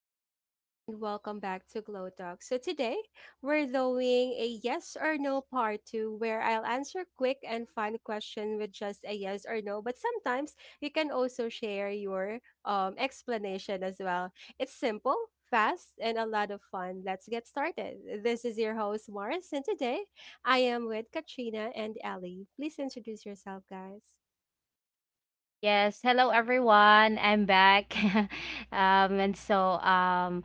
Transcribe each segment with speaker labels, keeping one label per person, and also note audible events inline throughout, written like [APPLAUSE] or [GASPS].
Speaker 1: everyone, and welcome back to Glow Talk. So, today we're doing a yes or no part two where I'll answer quick and fun question with just a yes or no, but sometimes you can also share your explanation as well. It's simple, fast, and a lot of fun. Let's get started. This is your host, Morris, and today I am with Katrina and Ellie. Please introduce yourself, guys.
Speaker 2: Yes, hello everyone. I'm back. [LAUGHS] And so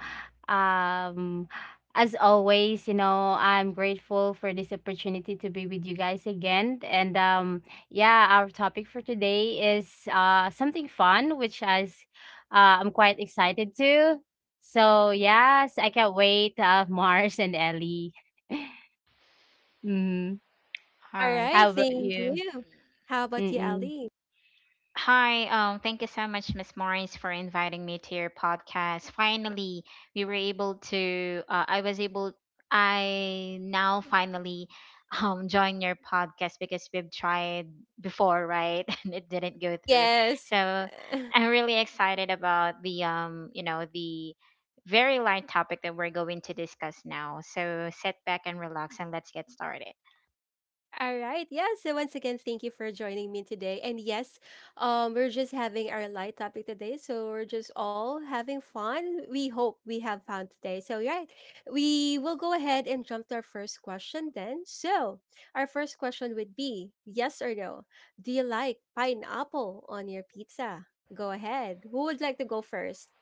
Speaker 2: um as always, I'm grateful for this opportunity to be with you guys again. And yeah, our topic for today is something fun which I'm quite excited to. So, yes, I can't wait [LAUGHS] Mars and Ellie. [LAUGHS] mm,
Speaker 3: All
Speaker 1: All
Speaker 3: right.
Speaker 2: how
Speaker 1: right,
Speaker 2: about
Speaker 1: thank
Speaker 2: you?
Speaker 1: you. How about you,
Speaker 2: Mm-mm.
Speaker 1: Ellie?
Speaker 3: Hi, thank you so much, Miss Morris, for inviting me to your podcast. Finally, we were able to. I was able. I now finally [LAUGHS] join your podcast because we've tried before, right? [LAUGHS] And it didn't go through.
Speaker 1: Yes.
Speaker 3: So
Speaker 1: [LAUGHS]
Speaker 3: I'm really excited about the the very light topic that we're going to discuss now. So sit back and relax, and let's get started.
Speaker 1: All right. Yeah. So once again, thank you for joining me today. And yes, we're just having our light topic today. So we're just all having fun. We hope we have fun today. So yeah, we will go ahead and jump to our first question then. So our first question would be yes or no. Do you like pineapple on your pizza? Go ahead. Who would like to go first?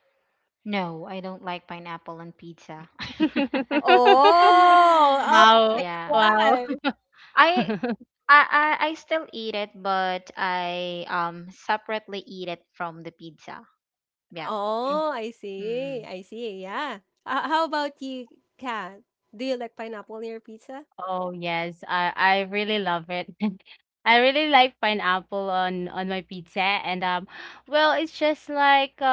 Speaker 3: No, I don't like pineapple on pizza.
Speaker 2: [LAUGHS]
Speaker 1: Oh, oh
Speaker 3: [LAUGHS]
Speaker 1: my,
Speaker 2: Wow.
Speaker 3: Yeah.
Speaker 2: Wow.
Speaker 1: why?
Speaker 3: I I still eat it, but I separately eat it from the pizza. Yeah.
Speaker 1: Oh, I see.
Speaker 3: Mm.
Speaker 1: I see, yeah. Ho how about you, Kat? Do you like pineapple in your pizza?
Speaker 2: Oh yes, I really love it. [LAUGHS] I really like pineapple on my pizza, and well it's just like uh,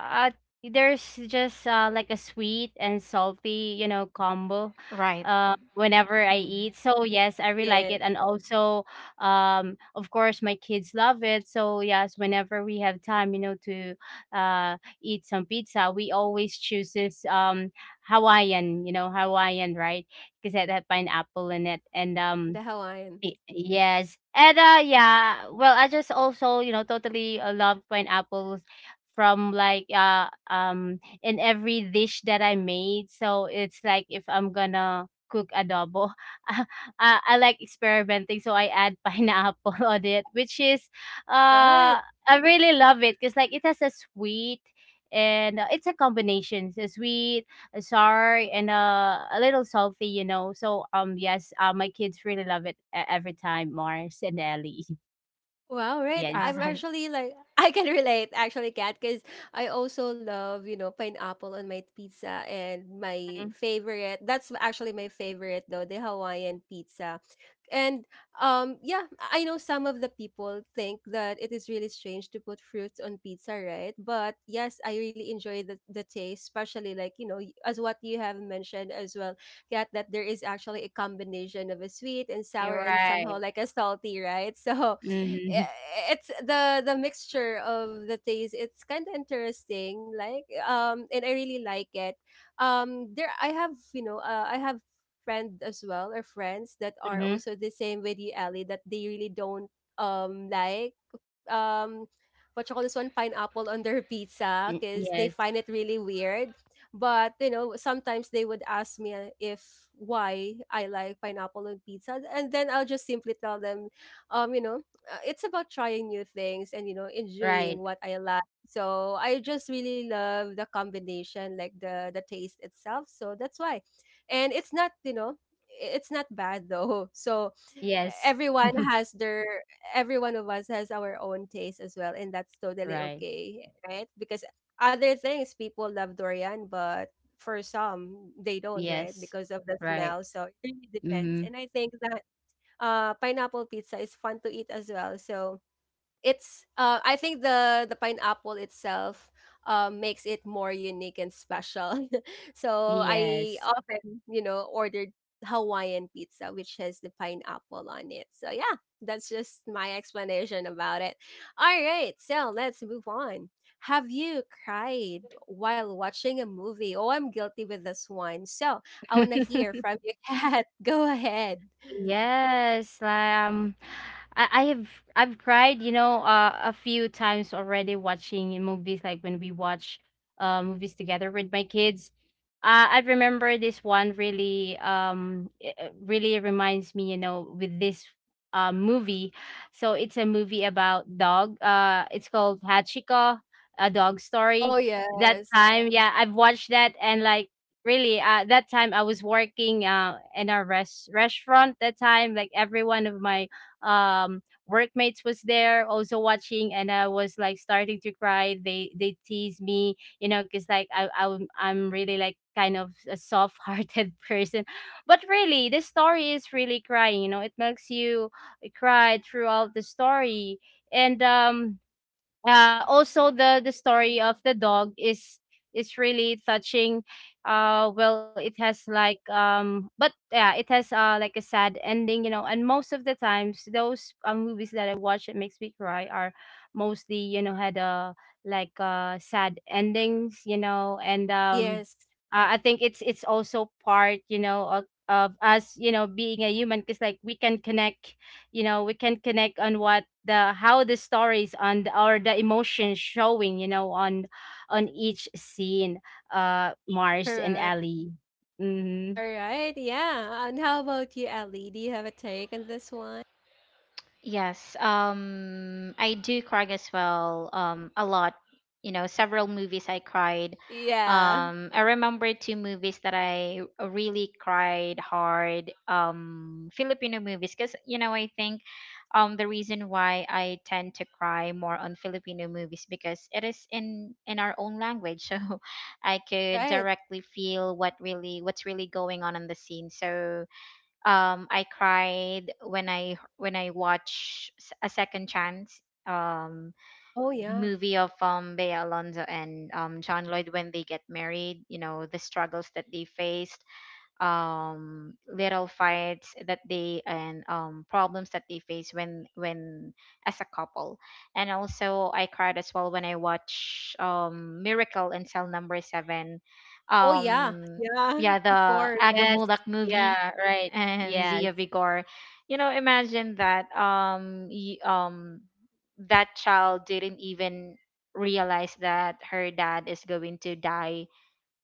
Speaker 2: uh there's just like a sweet and salty, you know, combo
Speaker 3: Right.
Speaker 2: whenever I eat.
Speaker 3: Mm.
Speaker 2: So yes, I really like it,
Speaker 1: Yes,
Speaker 2: and also of course my kids love it. So yes, whenever we have time, you know, to eat some pizza, we always choose this Hawaiian, you know, Hawaiian, right? Because it had pineapple in it. And
Speaker 1: the Hawaiian.
Speaker 2: yes, and yeah. Well, I just also you know totally love pineapples from like in every dish that I made. So it's like if I'm gonna cook adobo, [LAUGHS] I like experimenting. So I add pineapple [LAUGHS] on it, which is
Speaker 1: Right.
Speaker 2: uh I really love it because like it has a sweet and it's a combination. It's a sweet sorry and a little salty, you know. So yes, my kids really love it every time, Mars and Ellie. [LAUGHS]
Speaker 1: Wow, right.
Speaker 3: All
Speaker 1: I'm
Speaker 2: Yes.
Speaker 3: right.
Speaker 1: actually like [LAUGHS] I can relate actually, Kat, because I also love, you know, pineapple on my pizza, and my
Speaker 2: Mhm.
Speaker 1: favorite, that's actually my favorite though, the Hawaiian pizza. And yeah, I know some of the people think that it is really strange to put fruits on pizza, right? But yes, I really enjoy the taste, especially like, you know, as what you have mentioned as well, Kat, that there is actually a combination of a sweet and
Speaker 2: You're
Speaker 1: sour and
Speaker 2: right.
Speaker 1: somehow like a salty, right? [LAUGHS] So
Speaker 2: Mm-hmm.
Speaker 1: it's the mixture of the taste. It's kind of interesting, like, and I really like it. There, I have friend as well, or friends, that are
Speaker 2: Mm-hmm.
Speaker 1: also the same with you, Ellie, that they really don't like um what you call this one, pineapple on their [LAUGHS] pizza, because they
Speaker 2: Yes,
Speaker 1: find it really weird. But you know, sometimes they would ask me, if why I like pineapple on pizza, and then I'll just simply tell them, um you know it's about trying new things and enjoying
Speaker 2: right.
Speaker 1: what I like. So I just really love the combination, like the taste itself. So that's why. And it's not it's not bad though. [LAUGHS] So
Speaker 2: Yes.
Speaker 1: everyone
Speaker 2: [LAUGHS]
Speaker 1: has their every one of us has our own taste as well, and that's totally
Speaker 2: Right.
Speaker 1: okay, right? Because other things, people love durian, but for some they don't, right?
Speaker 2: Yes.
Speaker 1: Because of the
Speaker 2: Right.
Speaker 1: smell. So it really depends,
Speaker 2: Mm-hmm.
Speaker 1: and I think that pineapple pizza is fun to eat as well. So it's I think the pineapple itself makes it more unique and special. [LAUGHS] So I
Speaker 2: Yes.
Speaker 1: often ordered Hawaiian pizza, which has the pineapple on it. So yeah, that's just my explanation about it. All right, so let's move on. Have you cried while watching a movie? Oh, I'm guilty with this one. So I want to hear
Speaker 2: [LAUGHS]
Speaker 1: from you, [LAUGHS] Kat. Go ahead.
Speaker 2: Yes, like, I, I have I've cried, you know, a few times already watching in movies, like when we watch movies together with my kids. I remember this one really it it really reminds me, you know, with this movie. So it's a movie about dog. It's called Hachiko, a dog
Speaker 1: Oh,
Speaker 2: story. That
Speaker 1: yes.
Speaker 2: time, yeah, I've watched that and like really that time I was working uh, in a restaurant. That time like every one of my workmates was there also watching, and I was like starting to cry. They tease me, you know, because like I'm really like kind of a soft-hearted [LAUGHS] person, but really the story is really crying, you know, it makes you cry throughout the story. And also the story of the dog is really touching. Well, it has like but yeah, it has like a sad ending, you know. And most of the times, those movies that I watch that makes me cry are mostly you know had a like sad endings, you know. And
Speaker 1: Yes,
Speaker 2: I think it's also part, you know, of us, you know, being a human, because like we can connect, you know, we can connect on what the how the stories on the, or the emotions showing, you know, on each scene, Mars and
Speaker 1: correct.
Speaker 2: Ellie. Mm-hmm.
Speaker 1: All right, yeah. And how about you, Ellie? Do you have a take on this one?
Speaker 3: Yes. I do cry as well a lot. You know, several movies I cried.
Speaker 1: Yeah,
Speaker 3: I remember two movies that I really cried hard. Um, Filipino movies, cuz you know, I think the reason why I tend to cry more on Filipino movies because it is in our own language, [LAUGHS] so I could
Speaker 1: right.
Speaker 3: directly feel what really what's really going on in the scene. So I cried when I watch A Second Chance, um
Speaker 1: Oh, yeah.
Speaker 3: movie of Bea Alonzo and John Lloyd, when they get married, you know, the struggles that they faced, little fights that they and problems that they face when as a couple. And also I cried as well when I watch Miracle in Cell Number Seven.
Speaker 1: Oh, yeah.
Speaker 3: um
Speaker 1: Yeah,
Speaker 3: yeah,
Speaker 1: of
Speaker 3: the
Speaker 1: course.
Speaker 2: Yes.
Speaker 3: Agamulak movie
Speaker 2: Yeah, right.
Speaker 3: and
Speaker 2: Yes.
Speaker 3: Zia Vigor. You know, imagine that, that child didn't even realize that her dad is going to die,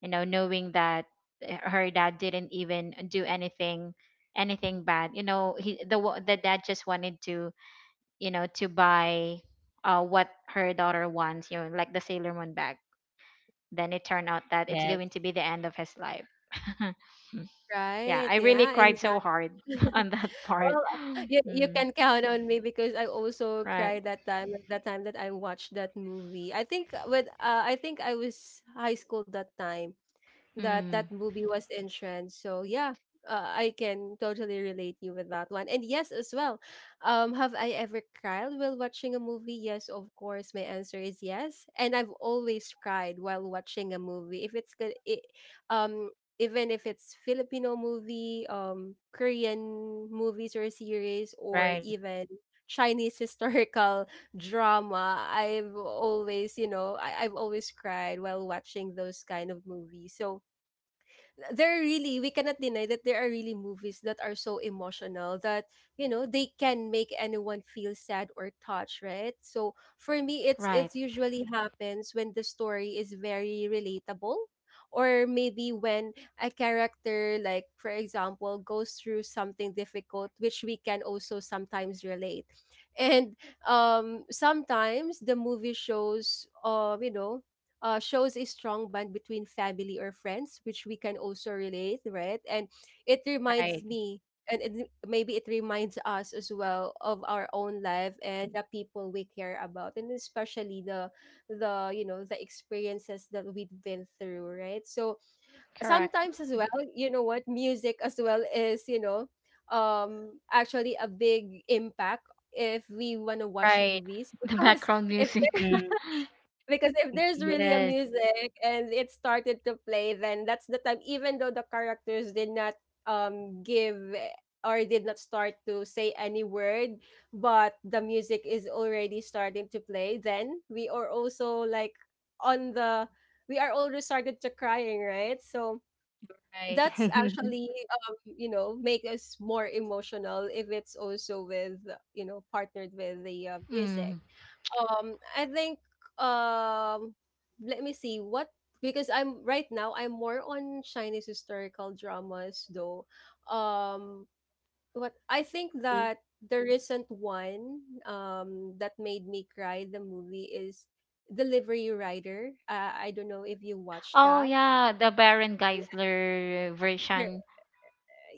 Speaker 3: you know, knowing that, her dad didn't even do anything, anything bad. You know, the dad just wanted to, you know, to buy what her daughter wants, you know, like the Sailor Moon bag. Then it turned out that it's
Speaker 2: Yes.
Speaker 3: going to be the end of his life. [LAUGHS] Yeah,
Speaker 1: Right.
Speaker 3: I really
Speaker 1: Yeah,
Speaker 3: cried
Speaker 1: exactly.
Speaker 3: so hard [LAUGHS]
Speaker 1: [LAUGHS]
Speaker 3: on that part.
Speaker 1: Well, you
Speaker 3: [GASPS]
Speaker 1: you
Speaker 3: Mm,
Speaker 1: can count on me because I also
Speaker 3: right.
Speaker 1: cried that time that I watched that movie. I think with I think I was high school that time. That
Speaker 3: Mm,
Speaker 1: movie was in trend. So yeah, I can totally relate you with that one. And yes, as well, have I ever cried while watching a movie? Yes, of course. My answer is yes. And I've always cried while watching a movie. If it's good, um, even if it's Filipino movie, Korean movies or series, or
Speaker 2: Right,
Speaker 1: even Chinese [LAUGHS] historical drama, I've always, I've always cried while watching those kind of movies. So there are really we cannot deny that there are really movies that are so emotional that they can make anyone feel sad or touched, right? So for me, it's
Speaker 3: right.
Speaker 1: it's usually happens when the story is very relatable, or maybe when a character, like, for example, goes through something difficult, which we can also sometimes relate. And sometimes the movie shows, shows a strong bond between family or friends, which we can also relate, right? And it
Speaker 2: right,
Speaker 1: reminds me, maybe it reminds us as well of our own life and the people we care about, and especially the you know the experiences that we've been through, right? So
Speaker 3: Correct.
Speaker 1: sometimes as well, you know what, music as well is actually a big impact if we want to watch
Speaker 2: right.
Speaker 1: movies. [LAUGHS]
Speaker 3: [LAUGHS] The
Speaker 1: Because
Speaker 3: background music. [LAUGHS]
Speaker 2: Mm.
Speaker 1: if there's really a
Speaker 2: Yes.
Speaker 1: music and it started to play, then that's the time, even though the characters did not give eh, or did not start to say any word, but the music is already starting to play, then we are also like, on the we are already started to crying, right? So
Speaker 2: Right.
Speaker 1: that's
Speaker 2: [LAUGHS]
Speaker 1: actually, make us more emotional if it's also with, partnered with the music.
Speaker 3: Mm.
Speaker 1: I think, um let me see what, because I'm right now I'm more on Chinese historical dramas though. Um what I think that the recent one that made me cry, the movie is Delivery Rider. I don't know if you watched
Speaker 3: Oh
Speaker 1: that.
Speaker 3: yeah, the Baron Geisler version.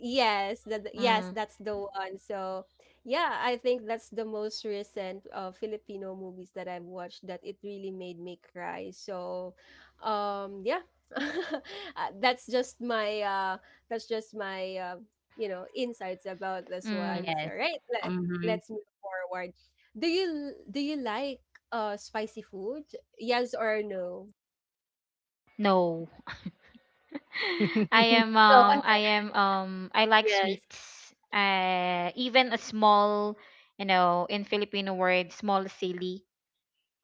Speaker 1: Yes, that yes,
Speaker 3: Mm,
Speaker 1: that's the one. So, yeah, I think that's the most recent Filipino movies that I've watched that it really made me cry. So, yeah. [LAUGHS] That's just my that's just my uh, you know insights about this
Speaker 3: mm,
Speaker 1: one.
Speaker 2: Yes.
Speaker 1: So, right,
Speaker 2: Mm-hmm.
Speaker 1: let's move forward. Do you like spicy food? Yes or no?
Speaker 3: no. [LAUGHS] I
Speaker 2: [LAUGHS]
Speaker 3: am
Speaker 1: Go ahead.
Speaker 3: I like
Speaker 2: Yes.
Speaker 3: sweets. Uh, even a small, you know, in Filipino word, small silly.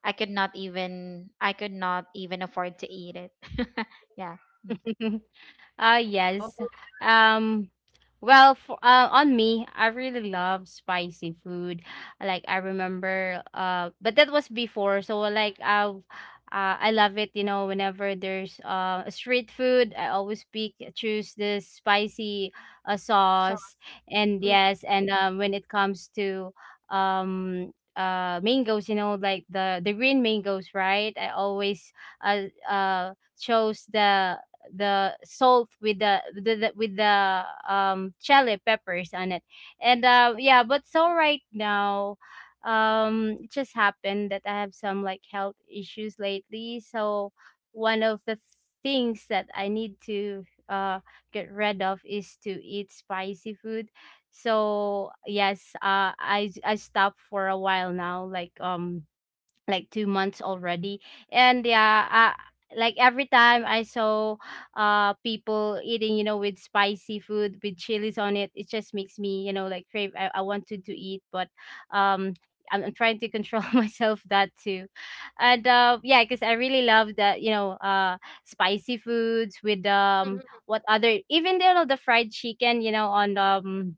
Speaker 3: I could not even afford to eat it. [LAUGHS] Yeah. Mm.
Speaker 2: [LAUGHS]
Speaker 1: Oh,
Speaker 2: Yes. Um well for, on me, I really love spicy food. Like I remember but that was before, so like I love it, you know, whenever there's street food, I always pick choose this spicy sauce.
Speaker 1: sauce.
Speaker 2: And
Speaker 1: Mm.
Speaker 2: yes, and when it comes to um mangoes, you know, like the green mangoes, right? I always uh uh chose the salt with the, with the with the chili peppers on it. And yeah, but so right now it just happened that I have some like health issues lately. So one of the things that I need to get rid of is to eat spicy food. So yes, I stopped for a while now, like 2 months already. And yeah, like every time I saw people eating, you know, with spicy food with chilies on it, it just makes me, you know, like crave. I wanted to eat, but um I'm trying to control [LAUGHS] myself that too. And yeah, because I really love that, you know, spicy foods with
Speaker 1: Mhm.
Speaker 2: what other, even you know the fried chicken you know on um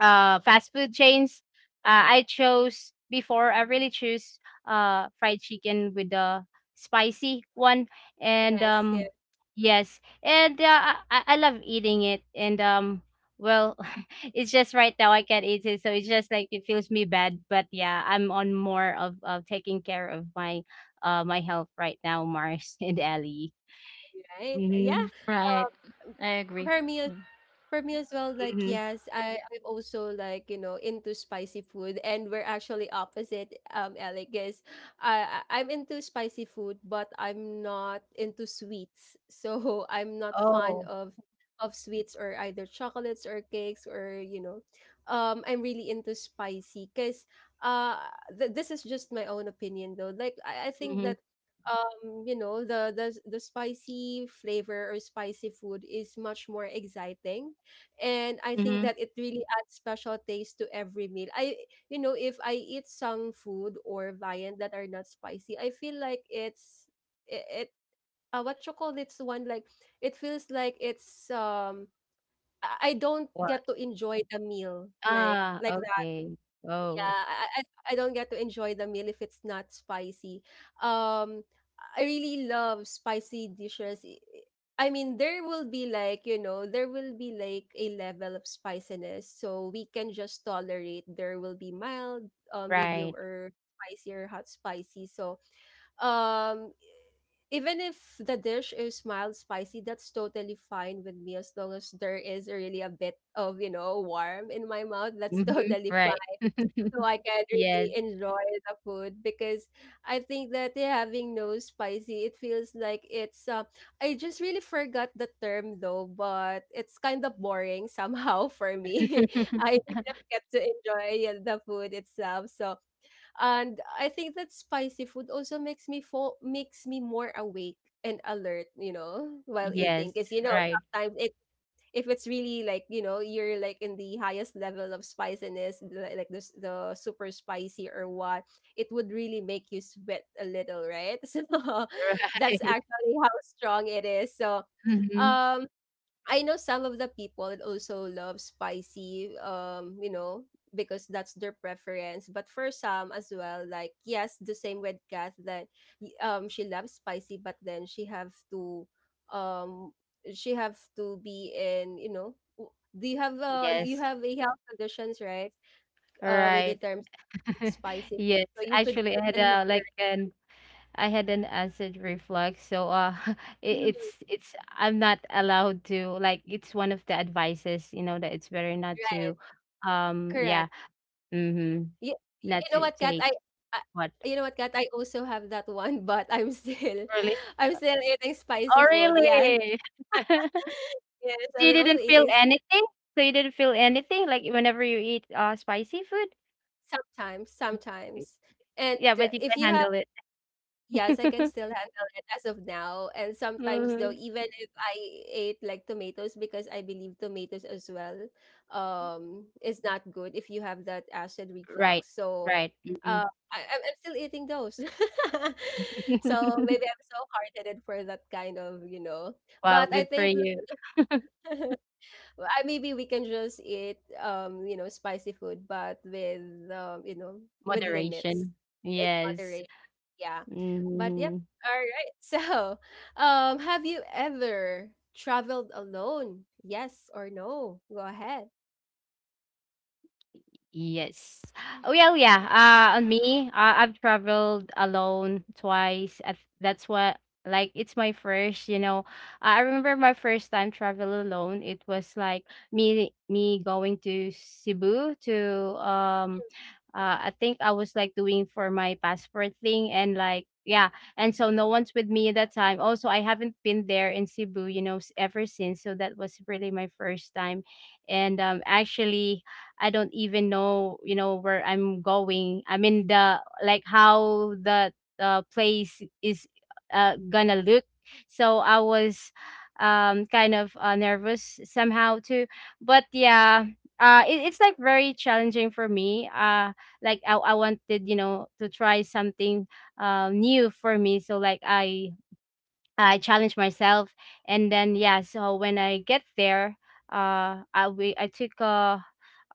Speaker 2: uh fast food chains. I chose before. I really choose fried chicken with the spicy one. And
Speaker 1: Yes, yes.
Speaker 2: yes, and I love eating it. And well, [LAUGHS] it's just right now I can't eat it, so it's just like it feels me bad. But yeah, I'm on more of taking care of my my health right now, Mars [LAUGHS] and Ellie.
Speaker 1: Right? Yeah.
Speaker 2: Hmm.
Speaker 3: Right. I agree.
Speaker 1: For me,
Speaker 3: Mm.
Speaker 1: for me, as well, like
Speaker 2: Hmm.
Speaker 1: yes, I'm also, like, into spicy food, and we're actually opposite. Alec is, I- I'm into spicy food, but I'm not into sweets, so [LAUGHS] I'm not fond
Speaker 2: Oh.
Speaker 1: of sweets or either chocolates or cakes or, I'm really into spicy because uh, this is just my own opinion though. Like I think
Speaker 2: Hmm.
Speaker 1: that the spicy flavor or spicy food is much more exciting, and I think
Speaker 2: Hmm.
Speaker 1: that it really adds special taste to every meal. If I eat some food or viand that are not spicy, I feel like it's it, it what you call this one, like, it feels like it's I don't
Speaker 2: What.
Speaker 1: get to enjoy the meal, like
Speaker 2: Ah,
Speaker 1: like
Speaker 2: okay. Oh.
Speaker 1: yeah, I don't get to enjoy the meal if it's not spicy. Um, I really love spicy dishes. I mean, there will be like a level of spiciness. So we can just tolerate. There will be mild, medium,
Speaker 2: Right.
Speaker 1: or spicy or hot spicy. So, um, even if the dish is mild spicy, that's totally fine with me as long as there is really a bit of, warm in my mouth. That's [LAUGHS]
Speaker 2: Mhm.
Speaker 1: totally
Speaker 2: Right.
Speaker 1: fine, so I can really
Speaker 2: Yes.
Speaker 1: enjoy the food, because I think that, yeah, having no spicy, it feels like it's. I just really forgot the term though, but it's kind of boring [LAUGHS] somehow for me. [LAUGHS] I
Speaker 2: [LAUGHS]
Speaker 1: didn't get to enjoy, yeah, the food itself. So, and I think that spicy food also makes me more awake and alert. You know, while eating,
Speaker 2: Yes.
Speaker 1: because
Speaker 2: Right.
Speaker 1: sometimes it if it's really, like, you're like in the highest level of spiciness, like, this, the super spicy, or what. It would really make you sweat a little, right? [LAUGHS] So that's
Speaker 2: Right. [LAUGHS]
Speaker 1: actually how strong it is. So
Speaker 2: Mhm.
Speaker 1: um I know some of the people also love spicy, because that's their preference. But for some as well, like yes, the same with Kath, that she loves spicy, but then um she have to be in, do you have, you
Speaker 2: Yes.
Speaker 1: have a health conditions, right? With the
Speaker 2: Right.
Speaker 1: terms
Speaker 2: [LAUGHS]
Speaker 1: spicy food.
Speaker 2: Yes.
Speaker 1: So you should
Speaker 2: Actually, I
Speaker 1: eat
Speaker 2: had
Speaker 1: in
Speaker 2: a like
Speaker 1: moderate.
Speaker 2: an I had an acid reflux, so [LAUGHS]
Speaker 1: Mhm.
Speaker 2: it's I'm not allowed to like it's one of the advices, you know, that it's better not
Speaker 1: Right.
Speaker 2: to, yeah,
Speaker 1: Correct.
Speaker 2: mm-hmm,
Speaker 1: You,
Speaker 2: not
Speaker 1: you know
Speaker 2: to
Speaker 1: what, Kat?
Speaker 2: take
Speaker 1: I
Speaker 2: what
Speaker 1: You know what, Kat? I also have that one, [LAUGHS] but I'm still,
Speaker 2: really.
Speaker 1: [LAUGHS] I'm still eating spicy
Speaker 2: Oh,
Speaker 1: food. Yes,
Speaker 2: really? [LAUGHS]
Speaker 1: yes,
Speaker 2: So you
Speaker 1: I'm also
Speaker 2: didn't feel
Speaker 1: eating spicy
Speaker 2: anything? So you didn't feel anything, like, whenever you eat, spicy food?
Speaker 1: sometimes,
Speaker 2: Y
Speaker 1: sometimes. And
Speaker 2: Yeah, but you
Speaker 1: if
Speaker 2: can
Speaker 1: you have
Speaker 2: handle it.
Speaker 1: Yes, I can
Speaker 2: [LAUGHS]
Speaker 1: still handle it as of now. And sometimes though,
Speaker 2: Mhm.
Speaker 1: even if I ate like tomatoes, because I believe tomatoes as well, is not good if you have that acid
Speaker 2: Right,
Speaker 1: reflux. So
Speaker 2: right, mhm.
Speaker 1: uh I'm still eating those. [LAUGHS] So maybe
Speaker 2: [LAUGHS]
Speaker 1: I'm so hard headed for that kind of,
Speaker 2: Wow,
Speaker 1: But I
Speaker 2: good for
Speaker 1: think
Speaker 2: you. [LAUGHS]
Speaker 1: [LAUGHS] I maybe we can just eat spicy food but with um you know with limits
Speaker 2: Moderation.
Speaker 1: in
Speaker 2: Yes.
Speaker 1: moderation, yeah, but yep,
Speaker 2: Mhm.
Speaker 1: all right. [LAUGHS] So have you ever traveled alone, yes or no? Go ahead.
Speaker 2: Yes. Well, yeah. Yeah, on me, I've traveled alone twice. That's what, like, it's my first, you know. I remember my first time travel alone. It was like me going to Cebu to, um, I think I was like doing for my passport thing and like, yeah. And so no one's with me at that time. Also, I haven't been there in Cebu, you know, ever since. So that was really my first time. And actually I don't even know, you know, where I'm going. I mean the like how the place is gonna look. So I was kind of nervous somehow too. But yeah, it, it's like very challenging for me. Like I wanted, you know, to try something new for me. So like I challenged myself, and then yeah. So when I get there, I took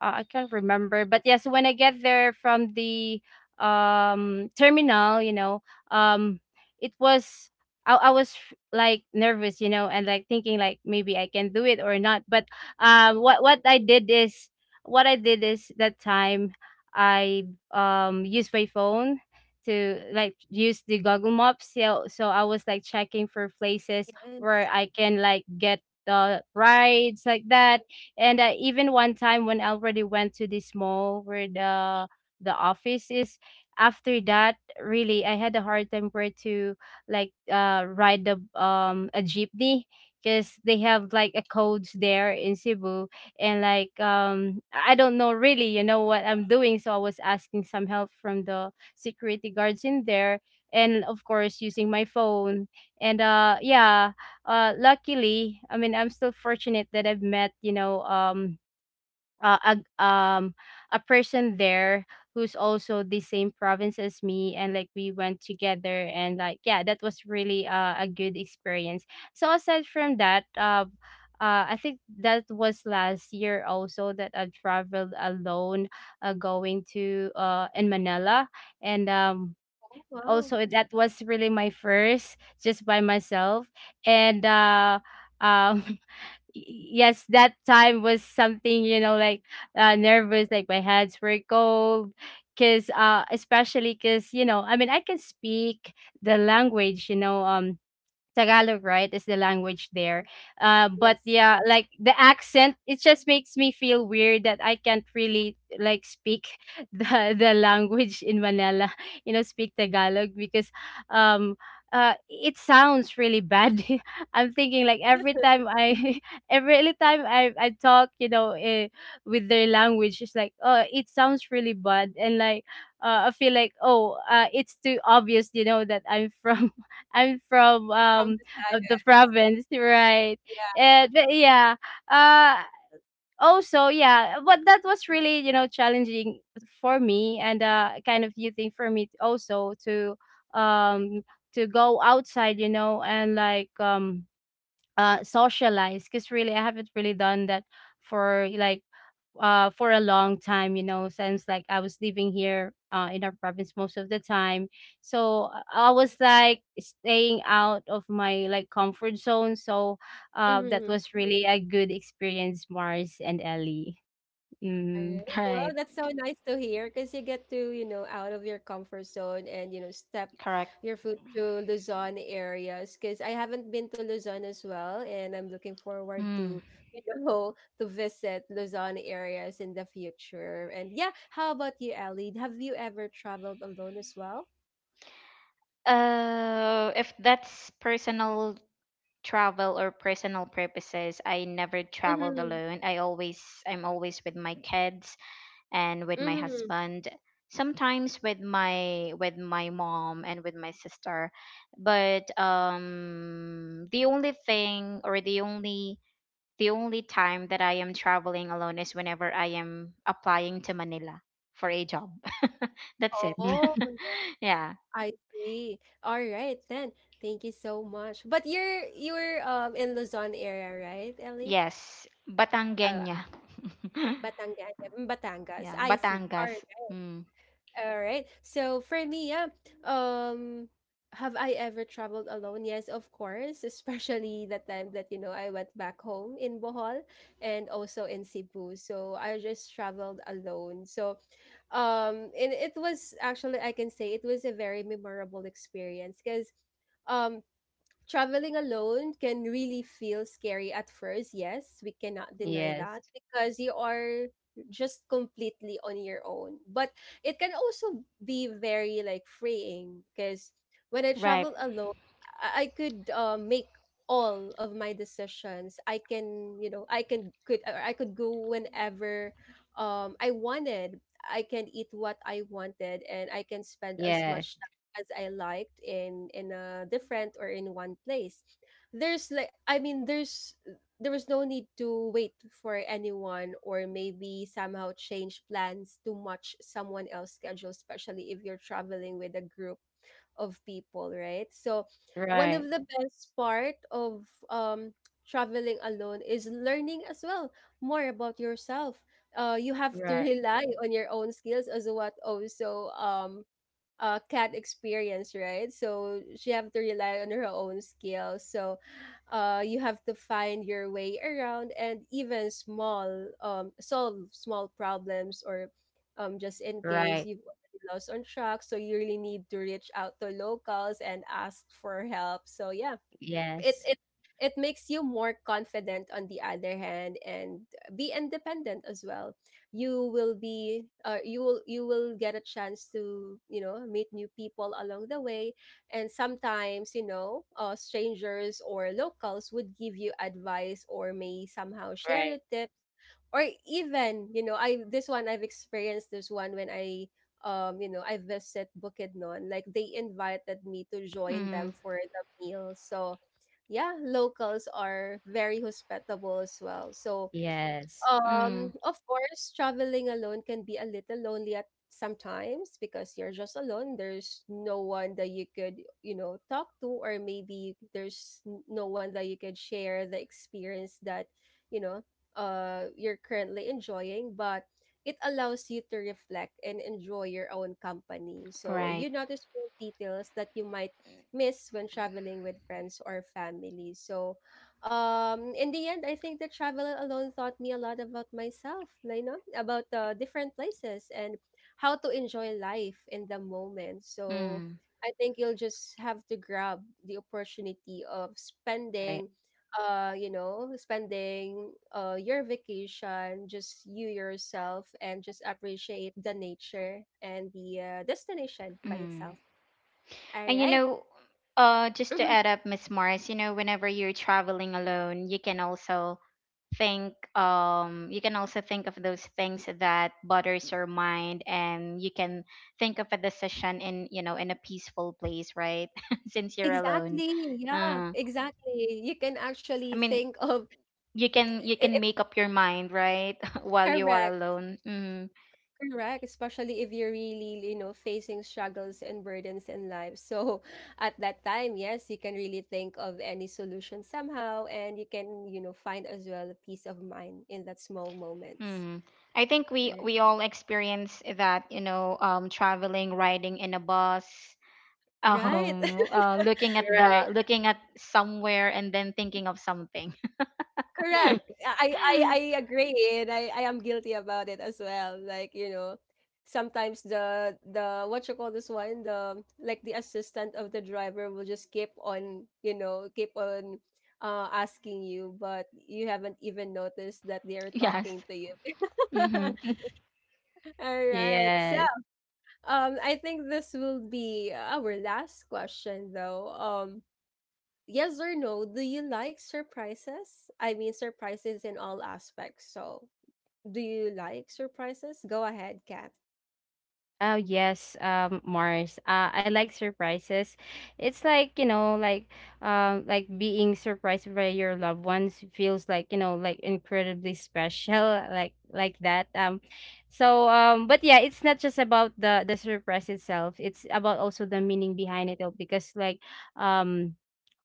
Speaker 2: I can't remember, but yes, when I get there from the terminal, you know, um, it was I was like nervous, you know, and like thinking like maybe I can do it or not. But what I did is that time I used my phone to like use the Google Maps. So, so I was like checking for places where
Speaker 1: Yes.
Speaker 2: I can like get the rides like that. And even one time when I already went to this mall where the office is, after that, really I had a hard time where to like ride the a jeepney because they have like a codes there in Cebu. And like I don't know really, you know, what I'm doing. So I was asking some help from the security guards in there, and of course using my phone. And yeah, luckily, I mean, I'm still fortunate that I've met, you know, uh, a um a person there who's also the same province as me, and like we went together. And like yeah, that was really a good experience. So aside from that, I think that was last year also that I traveled alone, going to in Manila. And
Speaker 1: Oh, wow.
Speaker 2: also that was really my first just by myself. And um [LAUGHS] yes, that time was something, you know, like nervous, like my hands were cold, because especially because you know I mean I can speak the language, you know, Tagalog, right, is the language there.
Speaker 1: Oh,
Speaker 2: But
Speaker 1: yes.
Speaker 2: yeah, like the accent, it just makes me feel weird that I can't really like speak [LAUGHS] the language in Manila, [LAUGHS] you know, speak Tagalog. Because um it sounds really bad. [LAUGHS] I'm thinking like
Speaker 1: [LAUGHS]
Speaker 2: every time I [LAUGHS] every time I talk, you know, with their language, it's like oh, it sounds really bad. And like I feel like oh, it's too obvious, you know, that I'm [LAUGHS] from
Speaker 1: That's from the side.
Speaker 2: the province, [LAUGHS] right?
Speaker 1: Yeah.
Speaker 2: And but yeah, uh, but that was really challenging for me and kind of new thing for me also um to go outside, you know, and socialize because really I haven't really done that for for a long time, you know, since I was living here in our province most of the time. So I was like staying out of my like comfort zone. So that
Speaker 1: Hmm.
Speaker 2: was really a good experience, Mars and Ellie.
Speaker 1: All
Speaker 2: Mm-hmm.
Speaker 1: right. Well,
Speaker 3: Right.
Speaker 1: that's so nice to hear, because you get to, you know, out of your comfort zone and, you know, step
Speaker 3: Correct.
Speaker 1: your foot to Luzon areas, because I haven't been to Luzon as well. And I'm looking forward
Speaker 3: Mm.
Speaker 1: to, [LAUGHS] to visit Luzon areas in the future. And yeah, how about you, Ellie? Have you ever traveled alone as well?
Speaker 3: Uh, if that's personal travel or personal purposes, I never traveled
Speaker 1: Mm-hmm.
Speaker 3: alone. I'm always with my kids and with my
Speaker 1: Mm-hmm.
Speaker 3: husband, sometimes with my mom and with my sister. But the only thing, or the only time that I am traveling alone is whenever I am applying to Manila for a job. [LAUGHS] That's it.
Speaker 1: Oh,
Speaker 3: [LAUGHS]
Speaker 1: yeah,
Speaker 3: Yeah.
Speaker 1: I see. All right then. Thank you so much. But you're in Luzon area, right, Ellie?
Speaker 3: Yes,
Speaker 1: Uh,
Speaker 3: Batangueña.
Speaker 1: Batangas,
Speaker 3: [LAUGHS]
Speaker 1: Batangas.
Speaker 3: Yeah,
Speaker 1: I see. All right.
Speaker 3: Batangas. Mm.
Speaker 1: All right. So for me, yeah, um, have I ever traveled alone? Yes, of course, especially [LAUGHS] the time that, you know, I went back home in Bohol and also in Cebu. So I just traveled alone. So, and it was actually, I can say it was a very memorable experience because um. Traveling alone can really feel scary at first. Yes, we cannot deny
Speaker 2: Yes.
Speaker 1: that, because you are just completely on your own. But it can also be very like freeing, because when I
Speaker 3: Right.
Speaker 1: travel alone, I could make all of my decisions. I can, you know, I could go whenever I wanted. I can eat what I wanted, and I can spend as
Speaker 2: Yes.
Speaker 1: much as I liked in a different or in one place. There's like, I mean, there was no need to wait for anyone, or maybe somehow change plans to match someone else's schedule, especially if you're traveling with a group of people, right? So one
Speaker 2: Right.
Speaker 1: of the best part of traveling alone is learning as well more about yourself. You have to [LAUGHS]
Speaker 2: Right.
Speaker 1: rely on your own skills, as what also, Cat experience, right? So she have to rely on her own skills. So you have to find your way around, and even small solve small problems, or just in case
Speaker 2: Right.
Speaker 1: you've already lost on track, so you really need to reach out to locals and ask for help. So yeah, it
Speaker 2: Yes.
Speaker 1: it it makes you more confident on the other hand, and be independent as well. You will be you will get a chance to, you know, meet new people along the way. And sometimes, you know, strangers or locals would give you advice, or may somehow share
Speaker 2: Right.
Speaker 1: your tips, or even, you know, I've experienced this one when I you know, I visit Bukidnon, like they invited me to join
Speaker 3: Mm.
Speaker 1: them for the meal. So yeah, locals are very hospitable as well. So,
Speaker 2: Yes.
Speaker 3: Mm.
Speaker 1: of course, traveling alone can be a little lonely at sometimes, because you're just alone. There's no one that you could, you know, talk to, or maybe there's n- no one that you could share the experience that, you know, you're currently enjoying. But it allows you to reflect and enjoy your own company. So
Speaker 3: Right.
Speaker 1: you notice small details that you might miss when traveling with friends or family. So in the end, I think the travel alone taught me a lot about myself, you know, about different places and how to enjoy life in the moment. So
Speaker 3: Mm.
Speaker 1: I think you'll just have to grab the opportunity of
Speaker 2: Right.
Speaker 1: spending you know, spending your vacation just you yourself, and just appreciate the nature and the destination by itself.
Speaker 3: Mm.
Speaker 1: All
Speaker 3: And you
Speaker 1: right.
Speaker 3: know, just to add
Speaker 1: [LAUGHS]
Speaker 3: up, Miss Morris, you know, whenever you're traveling alone, you can also think, you can also think of those things that bothers your mind, and you can think of a decision in, you know, in a peaceful place, right? [LAUGHS] Since you're alone,
Speaker 1: Exactly, yeah,
Speaker 3: uh,
Speaker 1: exactly. You can
Speaker 3: I
Speaker 1: actually
Speaker 3: mean,
Speaker 1: think of,
Speaker 3: you
Speaker 1: I
Speaker 3: can make up your mind, right, [LAUGHS]
Speaker 1: I
Speaker 3: while you are
Speaker 1: correct,
Speaker 3: alone. Mm-hmm.
Speaker 1: correct, especially if you're really, you know, facing struggles and burdens in life. So at that time, yes, you can really think of any solution somehow, and you can, you know, find as well a peace of mind in that small moments.
Speaker 3: Mm-hmm. I think
Speaker 1: All right.
Speaker 3: we all experience that, you know, traveling, riding in a bus,
Speaker 1: Right. [LAUGHS]
Speaker 3: looking at the looking at somewhere and then thinking of something.
Speaker 2: Right.
Speaker 1: Correct.
Speaker 3: [LAUGHS]
Speaker 1: I agree, and I am guilty about it as well. Like, you know, sometimes the what you call this one, the like the assistant of the driver will just keep on, you know, keep on asking you, but you haven't even noticed that they are
Speaker 3: Yes.
Speaker 1: talking to you.
Speaker 3: Mm-hmm.
Speaker 1: [LAUGHS]
Speaker 2: [LAUGHS]
Speaker 1: All right. So,
Speaker 2: yes.
Speaker 1: I think this will be our last question though. Yes or no, do you like surprises? I mean, surprises in all aspects. So, do you like surprises? Go ahead, Kat.
Speaker 2: Oh yes, Mars. I like surprises. It's like, you know, like being surprised by your loved ones feels like, you know, like incredibly special, like that. But yeah, it's not just about the surprise itself. It's about also the meaning behind it all because um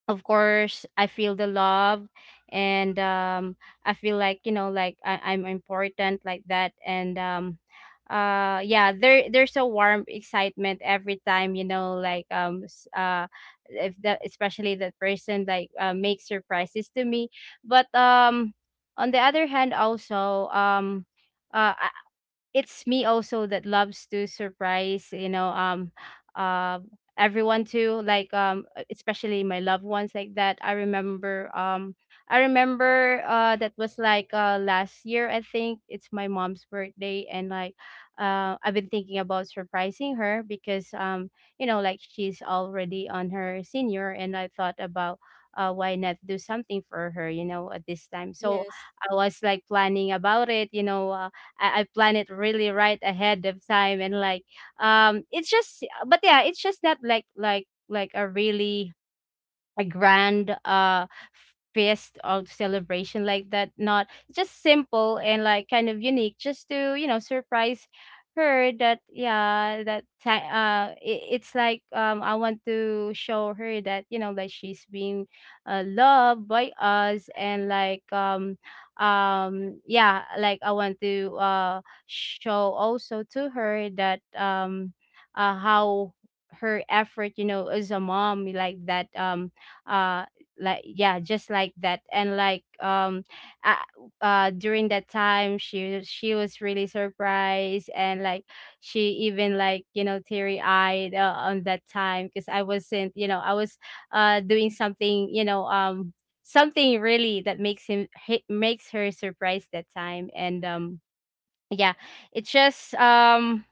Speaker 2: of course I feel the love. And I feel like, you know, like I'm important like that. And Yeah, there's a warm excitement every time, you know, if that, especially that person makes surprises to me. But On the other hand also, uh, it's me also that loves to surprise, you know, uh everyone too, especially my loved ones like that. I remember, that was last year, I think it's my mom's birthday, and I've been thinking about surprising her because, you know, like she's already on her senior, and I thought about, why not do something for her, you know, at this time. So
Speaker 1: Yes.
Speaker 2: I was like planning about it, you know, I plan it really right ahead of time. And it's just, but yeah, it's just not like a really a grand feast or celebration like that, not just simple and like kind of unique just to, you know, surprise her. That yeah that ti- It's like, I want to show her that, you know, that she's being loved by us. And like Yeah, like I want to show also to her that, how her effort, you know, as a mom like that. Uh like yeah, just like that. And like uh, During that time, she was really surprised, and like she even, like, you know, teary eyed on that time because I wasn't, you know, I was doing something, you know, something really that makes her surprised that time. And Yeah, it's just, um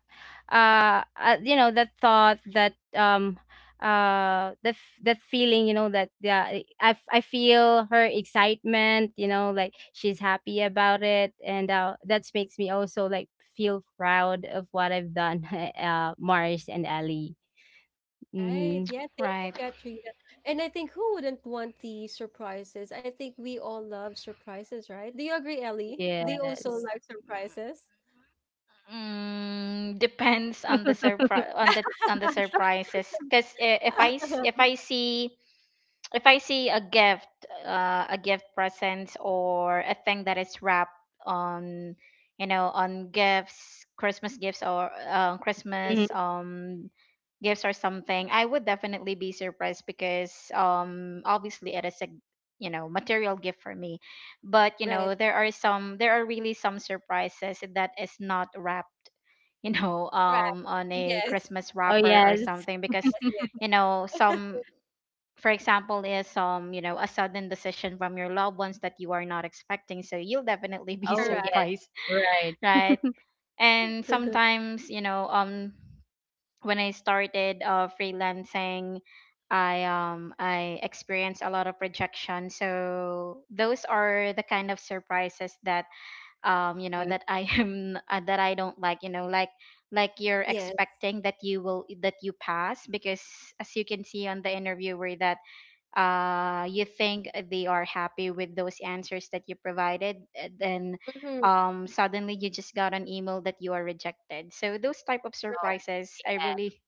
Speaker 2: uh, uh you know, that thought that, that that feeling, you know, that yeah, I feel her excitement, you know, like she's happy about it, and that makes me also like feel proud of what I've done. [LAUGHS] Mars and Ali.
Speaker 1: Right.
Speaker 2: Mm-hmm.
Speaker 1: Yeah. Thank you,
Speaker 3: Right.
Speaker 1: Katrina. And I think who wouldn't want the surprises? I think we all love surprises, right? Do you agree, Ellie? Do you also
Speaker 2: Yes.
Speaker 1: like surprises?
Speaker 3: Mm, depends on the surprise, on the surprises. Because if if
Speaker 1: [LAUGHS]
Speaker 3: I see, if I see a gift, a gift, presents, or a thing that is wrapped on, you know, on gifts, Christmas gifts, or Christmas
Speaker 2: Mhm.
Speaker 3: gifts or something, I would definitely be surprised, because obviously it is a, you know, material gift for me. But you
Speaker 1: Right.
Speaker 3: know, there are some, there are really some surprises that is not wrapped, you know,
Speaker 1: Correct.
Speaker 3: on a
Speaker 1: Yes.
Speaker 3: Christmas
Speaker 2: Oh
Speaker 3: wrapper or
Speaker 2: yes.
Speaker 3: something. Because
Speaker 1: Yes.
Speaker 3: you know,
Speaker 1: Yes.
Speaker 3: some,
Speaker 1: [LAUGHS]
Speaker 3: for example is, you know, a sudden decision from your loved ones that you are not expecting, so you'll definitely be [LAUGHS]
Speaker 2: Oh
Speaker 1: Correct.
Speaker 2: yes.
Speaker 3: surprised,
Speaker 2: Right.
Speaker 3: right? And
Speaker 1: [LAUGHS]
Speaker 3: sometimes, you know, when I started freelancing, I experienced a lot of rejection. So those are the kind of surprises that, you know,
Speaker 2: Mhm.
Speaker 3: that I [LAUGHS] am, that I don't like, you know, like you're
Speaker 1: Yes.
Speaker 3: expecting that you will that you pass, because as you can see on the interviewer, that you think they are happy with those answers that you provided, then
Speaker 1: Mhm.
Speaker 3: suddenly you just got an email that you are rejected. So those type of
Speaker 2: Oh
Speaker 3: surprises I
Speaker 2: yeah.
Speaker 3: really,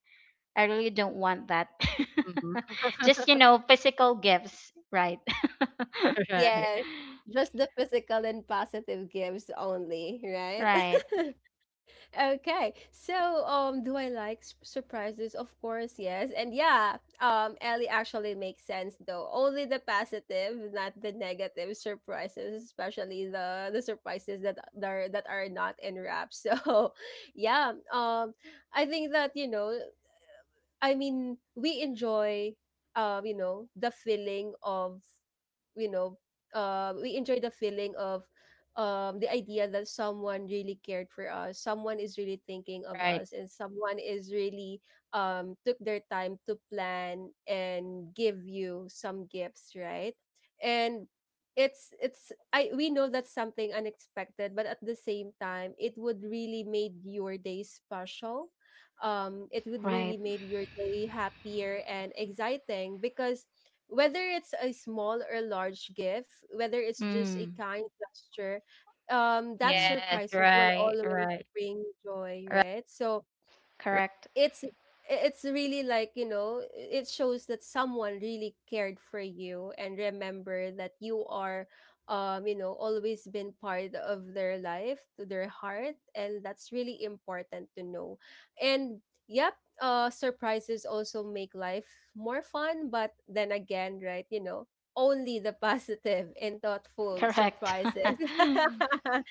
Speaker 3: I really don't want that.
Speaker 2: Mhm.
Speaker 3: [LAUGHS] Just, you know, physical gifts, right? [LAUGHS]
Speaker 1: Yes,
Speaker 2: [LAUGHS]
Speaker 1: just the physical and positive gifts only, right?
Speaker 3: Right.
Speaker 1: [LAUGHS] Okay. So, do I like s- surprises? Of course, yes. And yeah, Ellie actually makes sense though. Only the positive, not the negative surprises, especially the surprises that are not in wrap. [LAUGHS] So, yeah. I think that you know. I mean, we enjoy, you know, the feeling of, you know, we enjoy the feeling of, the idea that someone really cared for us, someone is really thinking of
Speaker 2: right.
Speaker 1: us, and someone is really, took their time to plan and give you some gifts, right? And it's I we know that's something unexpected, but at the same time, it would really made your day special. It would really
Speaker 3: Right.
Speaker 1: made your day happier and exciting, because whether it's a small or large gift, whether it's just a
Speaker 3: Mm,
Speaker 1: kind gesture, that
Speaker 3: mm.
Speaker 2: Yes,
Speaker 1: surprises will
Speaker 2: right,
Speaker 1: always
Speaker 2: right,
Speaker 1: bring joy, right?
Speaker 2: right,
Speaker 1: So
Speaker 3: Correct.
Speaker 1: it's it's really, like, you know, it shows that someone really cared for you, and remember that you are you know always been part of their life to their heart, and that's really important to know. And yep, surprises also make life more fun, but then again, right, you know, only the [LAUGHS] positive and thoughtful
Speaker 3: Correct. [LAUGHS]
Speaker 1: surprises. [LAUGHS]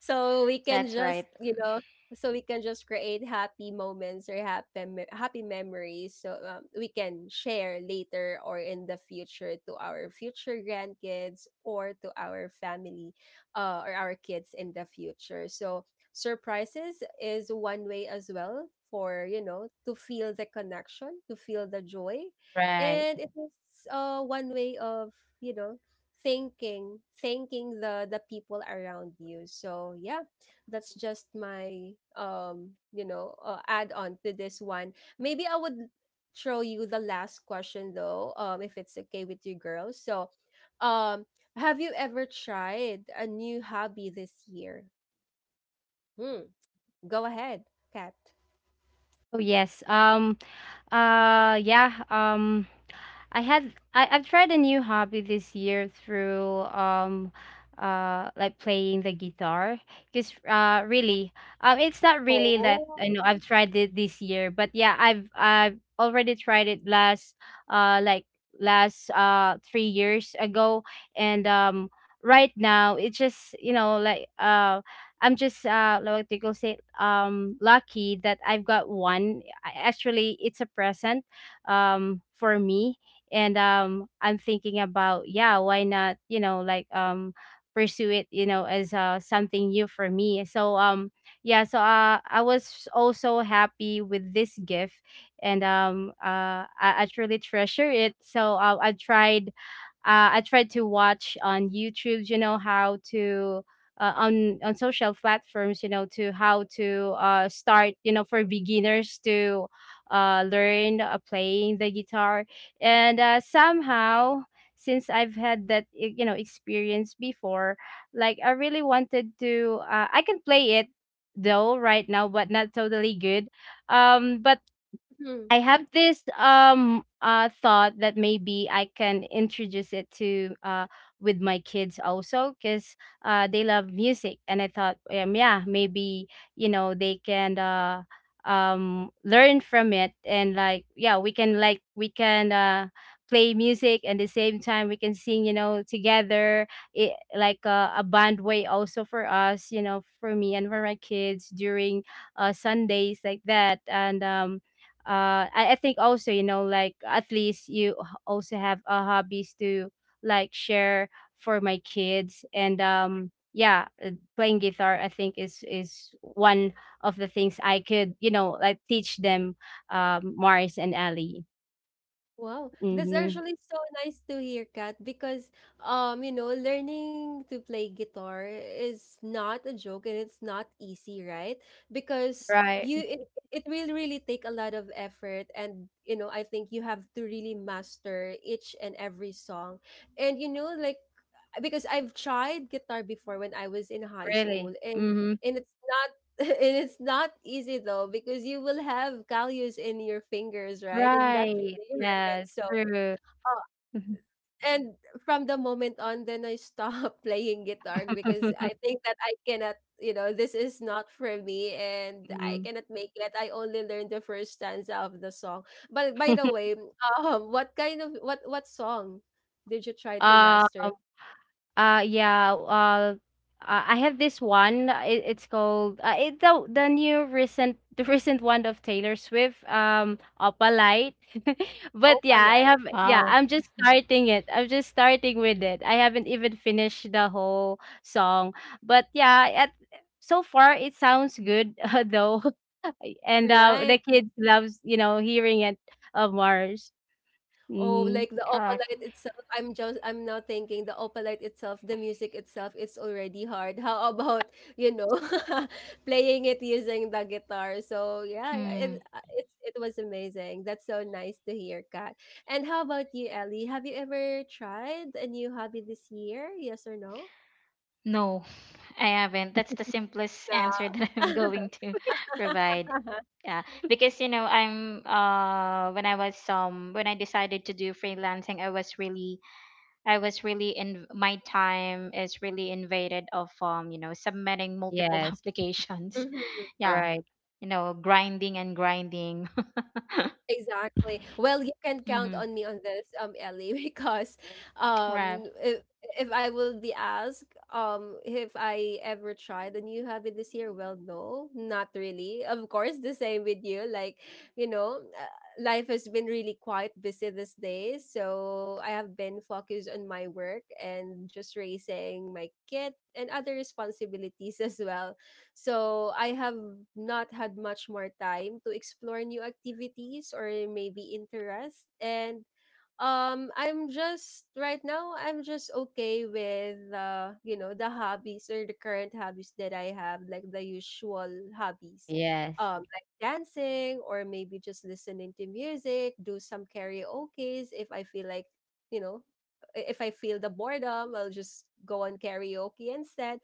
Speaker 1: so we can
Speaker 3: That's
Speaker 1: just
Speaker 3: right.
Speaker 1: you know so we can just create happy moments, or happy me- happy memories, so we can share later or in the future to our future grandkids, or to our family, or our kids in the future. So surprises is one way as well for, you know, to feel the connection, to feel the joy,
Speaker 2: right.
Speaker 1: and it is one way of, you know, thanking, thanking the people around you. So yeah, that's just my you know, add on to this one. Maybe I would throw you the last question though, if it's okay with you girls. So um have you ever tried a new hobby this year? Hmm. Go ahead, Kat.
Speaker 2: Oh yes. Yeah. I've tried a new hobby this year through, like playing the guitar, because really, it's not really that
Speaker 1: Oh.
Speaker 2: I know I've tried it this year, but yeah, I've already tried it last, uh like last 3 years ago. And Right now it's just, you know, I'm just like what they go say, lucky that I've got one. Actually it's a present for me. And I'm thinking about, yeah, why not, you know, pursue it, you know, as something new for me. Yeah, so I was also happy with this gift. I truly treasure it. So I tried to watch on YouTube, you know, how to, on social platforms, you know, to how to start, you know, for beginners to learn playing the guitar. And somehow, since I've had that you know, experience before, like I really wanted to, I can play it, though right now but not totally good. But I have this thought that maybe I can introduce it to with my kids also, because they love music. And I thought, yeah, maybe, you know, they can learn from it, and like yeah, we can play music, and the same time we can sing, you know, together, it like a band way also for us, you know, for me and for my kids during Sundays like that. And I think also, you know, like at least you also have hobbies to like share for my kids. And Yeah, playing guitar, I think, is one of the things I could, you know, like teach them. Mars and Ellie.
Speaker 1: Wow, that's
Speaker 2: Mm-hmm.
Speaker 1: actually so nice to hear, Kat, because you know, learning to play guitar is not a joke, and it's not easy, right? Because
Speaker 2: Right.
Speaker 1: it will really take a lot of effort, and you know, I think you have to really master each and every song. And you know, like, because I've tried guitar before when I was in high school,
Speaker 2: Really.
Speaker 1: and
Speaker 2: Mm-hmm.
Speaker 1: it's not [LAUGHS] and it's not easy though, because you will have calluses in your fingers, right? And that
Speaker 2: Right.
Speaker 1: really
Speaker 2: Yeah,
Speaker 1: hurts.
Speaker 2: it's
Speaker 1: So
Speaker 2: true.
Speaker 1: oh,
Speaker 2: [LAUGHS]
Speaker 1: and from the moment on then I stopped [LAUGHS] playing guitar, because
Speaker 2: Mhm.
Speaker 1: I think that I cannot, you know, this is not for me and I
Speaker 2: [LAUGHS]
Speaker 1: cannot make it. I only learned the first stanza of the song. But by the way, what kind of, what song did you try to
Speaker 2: Uh,
Speaker 1: master?
Speaker 2: Yeah. I have this one. It's called, the new recent [LAUGHS] the recent one of Taylor Swift. Opalite. [LAUGHS] but
Speaker 1: Oh,
Speaker 2: yeah, I
Speaker 1: Palay.
Speaker 2: have yeah.
Speaker 3: Wow.
Speaker 2: I'm just
Speaker 3: Mm.
Speaker 2: starting it. I'm just starting with it. I haven't even finished the whole song. But yeah, at so far it sounds good, [LAUGHS] though, [LAUGHS] and
Speaker 1: Right.
Speaker 2: the kids loves, you know, hearing it, of Mars.
Speaker 1: Oh,
Speaker 2: Mm-hmm.
Speaker 1: like the
Speaker 3: Correct.
Speaker 1: opalite itself, I'm now thinking the opalite itself, the music itself, it's already hard. How about, you know, [LAUGHS] playing it using the guitar? So yeah,
Speaker 3: Mm,
Speaker 1: it, it was amazing. That's so nice to hear, Kat. And how about you, Ellie? Have you ever tried a new hobby this year? Yes or no?
Speaker 3: no. I haven't. That's the simplest answer
Speaker 1: No.
Speaker 3: that [LAUGHS] I'm going to [LAUGHS] provide. Yeah, because you know, I'm when I was, when I decided to do freelancing, I was really in, my time is really invaded of, you know, submitting multiple [LAUGHS]
Speaker 2: Yes.
Speaker 3: applications.
Speaker 1: [LAUGHS]
Speaker 3: Yeah,
Speaker 2: Right.
Speaker 3: you know, grinding and grinding.
Speaker 1: Exactly. Well, you can
Speaker 3: [LAUGHS]
Speaker 1: count
Speaker 3: Mm-hmm.
Speaker 1: on me on this, Ellie, [LAUGHS] because
Speaker 3: Right.
Speaker 1: um if, if I will be asked if I ever tried a new hobby this year, well, no, not really. Of course, the same with you. Like, you know, uh, life has been really quite busy these days, so I have been focused on my work, and just raising my kid and other responsibilities [LAUGHS] as well. So I have not had much more time to explore new activities or maybe interests. And I'm just right now, I'm just okay with, you know, the hobbies or the current hobbies that I have, like the usual hobbies,
Speaker 2: Yes.
Speaker 1: like dancing, or maybe just listening to music, do some karaoke's if I feel like, you know, I- if I feel the boredom, I'll just go on karaoke instead.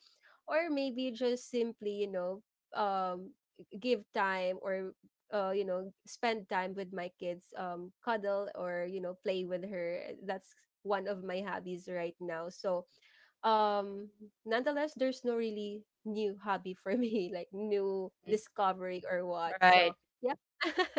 Speaker 1: Or maybe just simply, you know, um give time, or you know, spend time with my kids, cuddle, or, you know, play with her. That's one of my hobbies right now. So um nonetheless, there's no really new hobby for me, [LAUGHS] like new discovery or what. So
Speaker 2: Right.
Speaker 1: yeah, [LAUGHS]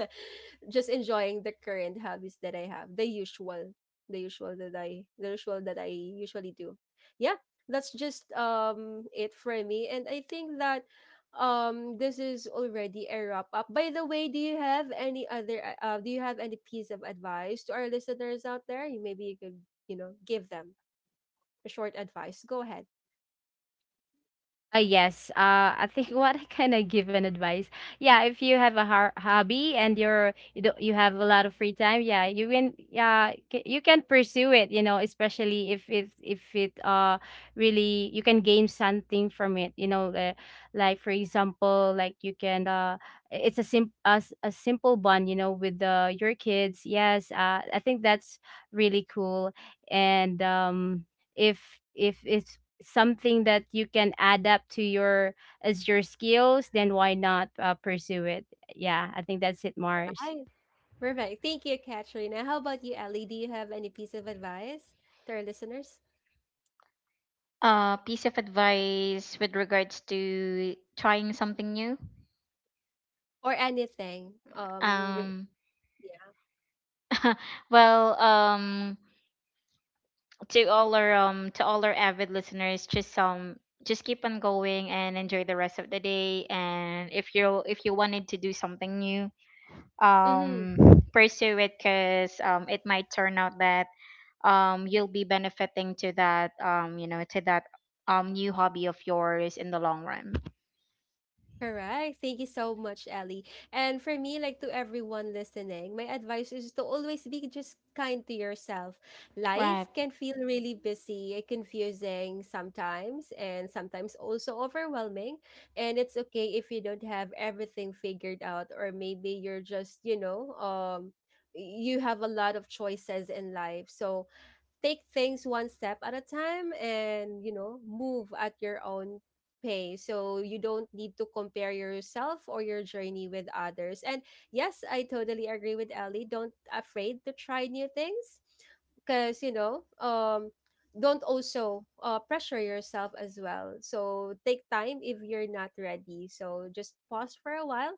Speaker 1: just enjoying the current hobbies that I have, the usual, the usual that I usually do. Yeah, that's just it for me, and I think that this is already a wrap up. By the way, do you have any other, do you have any piece of advice to our listeners out there? You- maybe you could, you know, give them a short advice. Go ahead.
Speaker 2: Yes. I think, [LAUGHS] what I can, I give an advice? Yeah, if you have a har hobby and you're you don't, you have a lot of free time, yeah, you can, yeah, you can pursue it. You know, especially if it really, you can gain something from it. You know, the, like for example, like you can it's a a simple bond. You know, with your kids. Yes. I think that's really cool. And if it's something that you can add up to your as your skills, then why not pursue it? Yeah, I think that's it, Mars.
Speaker 1: I perfect. Thank you, Katrina. How about you, Ellie? Do you have any piece of advice to our listeners
Speaker 3: Piece of advice with regards to trying something new.
Speaker 1: or anything? Re-
Speaker 3: Um,
Speaker 1: yeah.
Speaker 3: [LAUGHS] well, to all our, to all our avid listeners, just, just keep on going and enjoy the rest of the day. And if you, if you wanted to do something new,
Speaker 1: Mm-hmm.
Speaker 3: um pursue it, because it might turn out that you'll be benefiting to that, you know, to that, new hobby of yours in the long run.
Speaker 1: Correct. Thank you so much, Ellie. And for me, like to everyone listening, my advice is to always be just kind to yourself.
Speaker 3: Right.
Speaker 1: Life can feel really busy, eh, confusing sometimes, and sometimes also overwhelming. And it's okay if you don't have everything figured out, or maybe you're just, you have a lot of choices in life. So take things one step at a time, and you know, move at your own pace, so you don't need to compare yourself or your journey with others. And yes, I totally agree with Ellie, don't afraid to try new things, because, don't also, pressure yourself as well. So take time if you're not ready, so just pause for a while,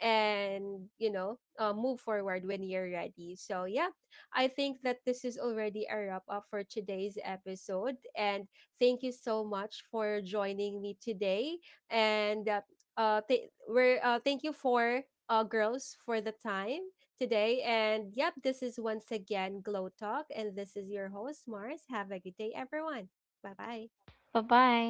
Speaker 1: and you know, move forward when you're ready. So yeah, I think that this is already a wrap up for today's episode. And thank you so much for joining me today. And th- we're thank you for girls for the time today. And yep, this is once again Glow Talk, and this is your host Mars. Have a good day, everyone. Bye bye.
Speaker 3: Bye bye.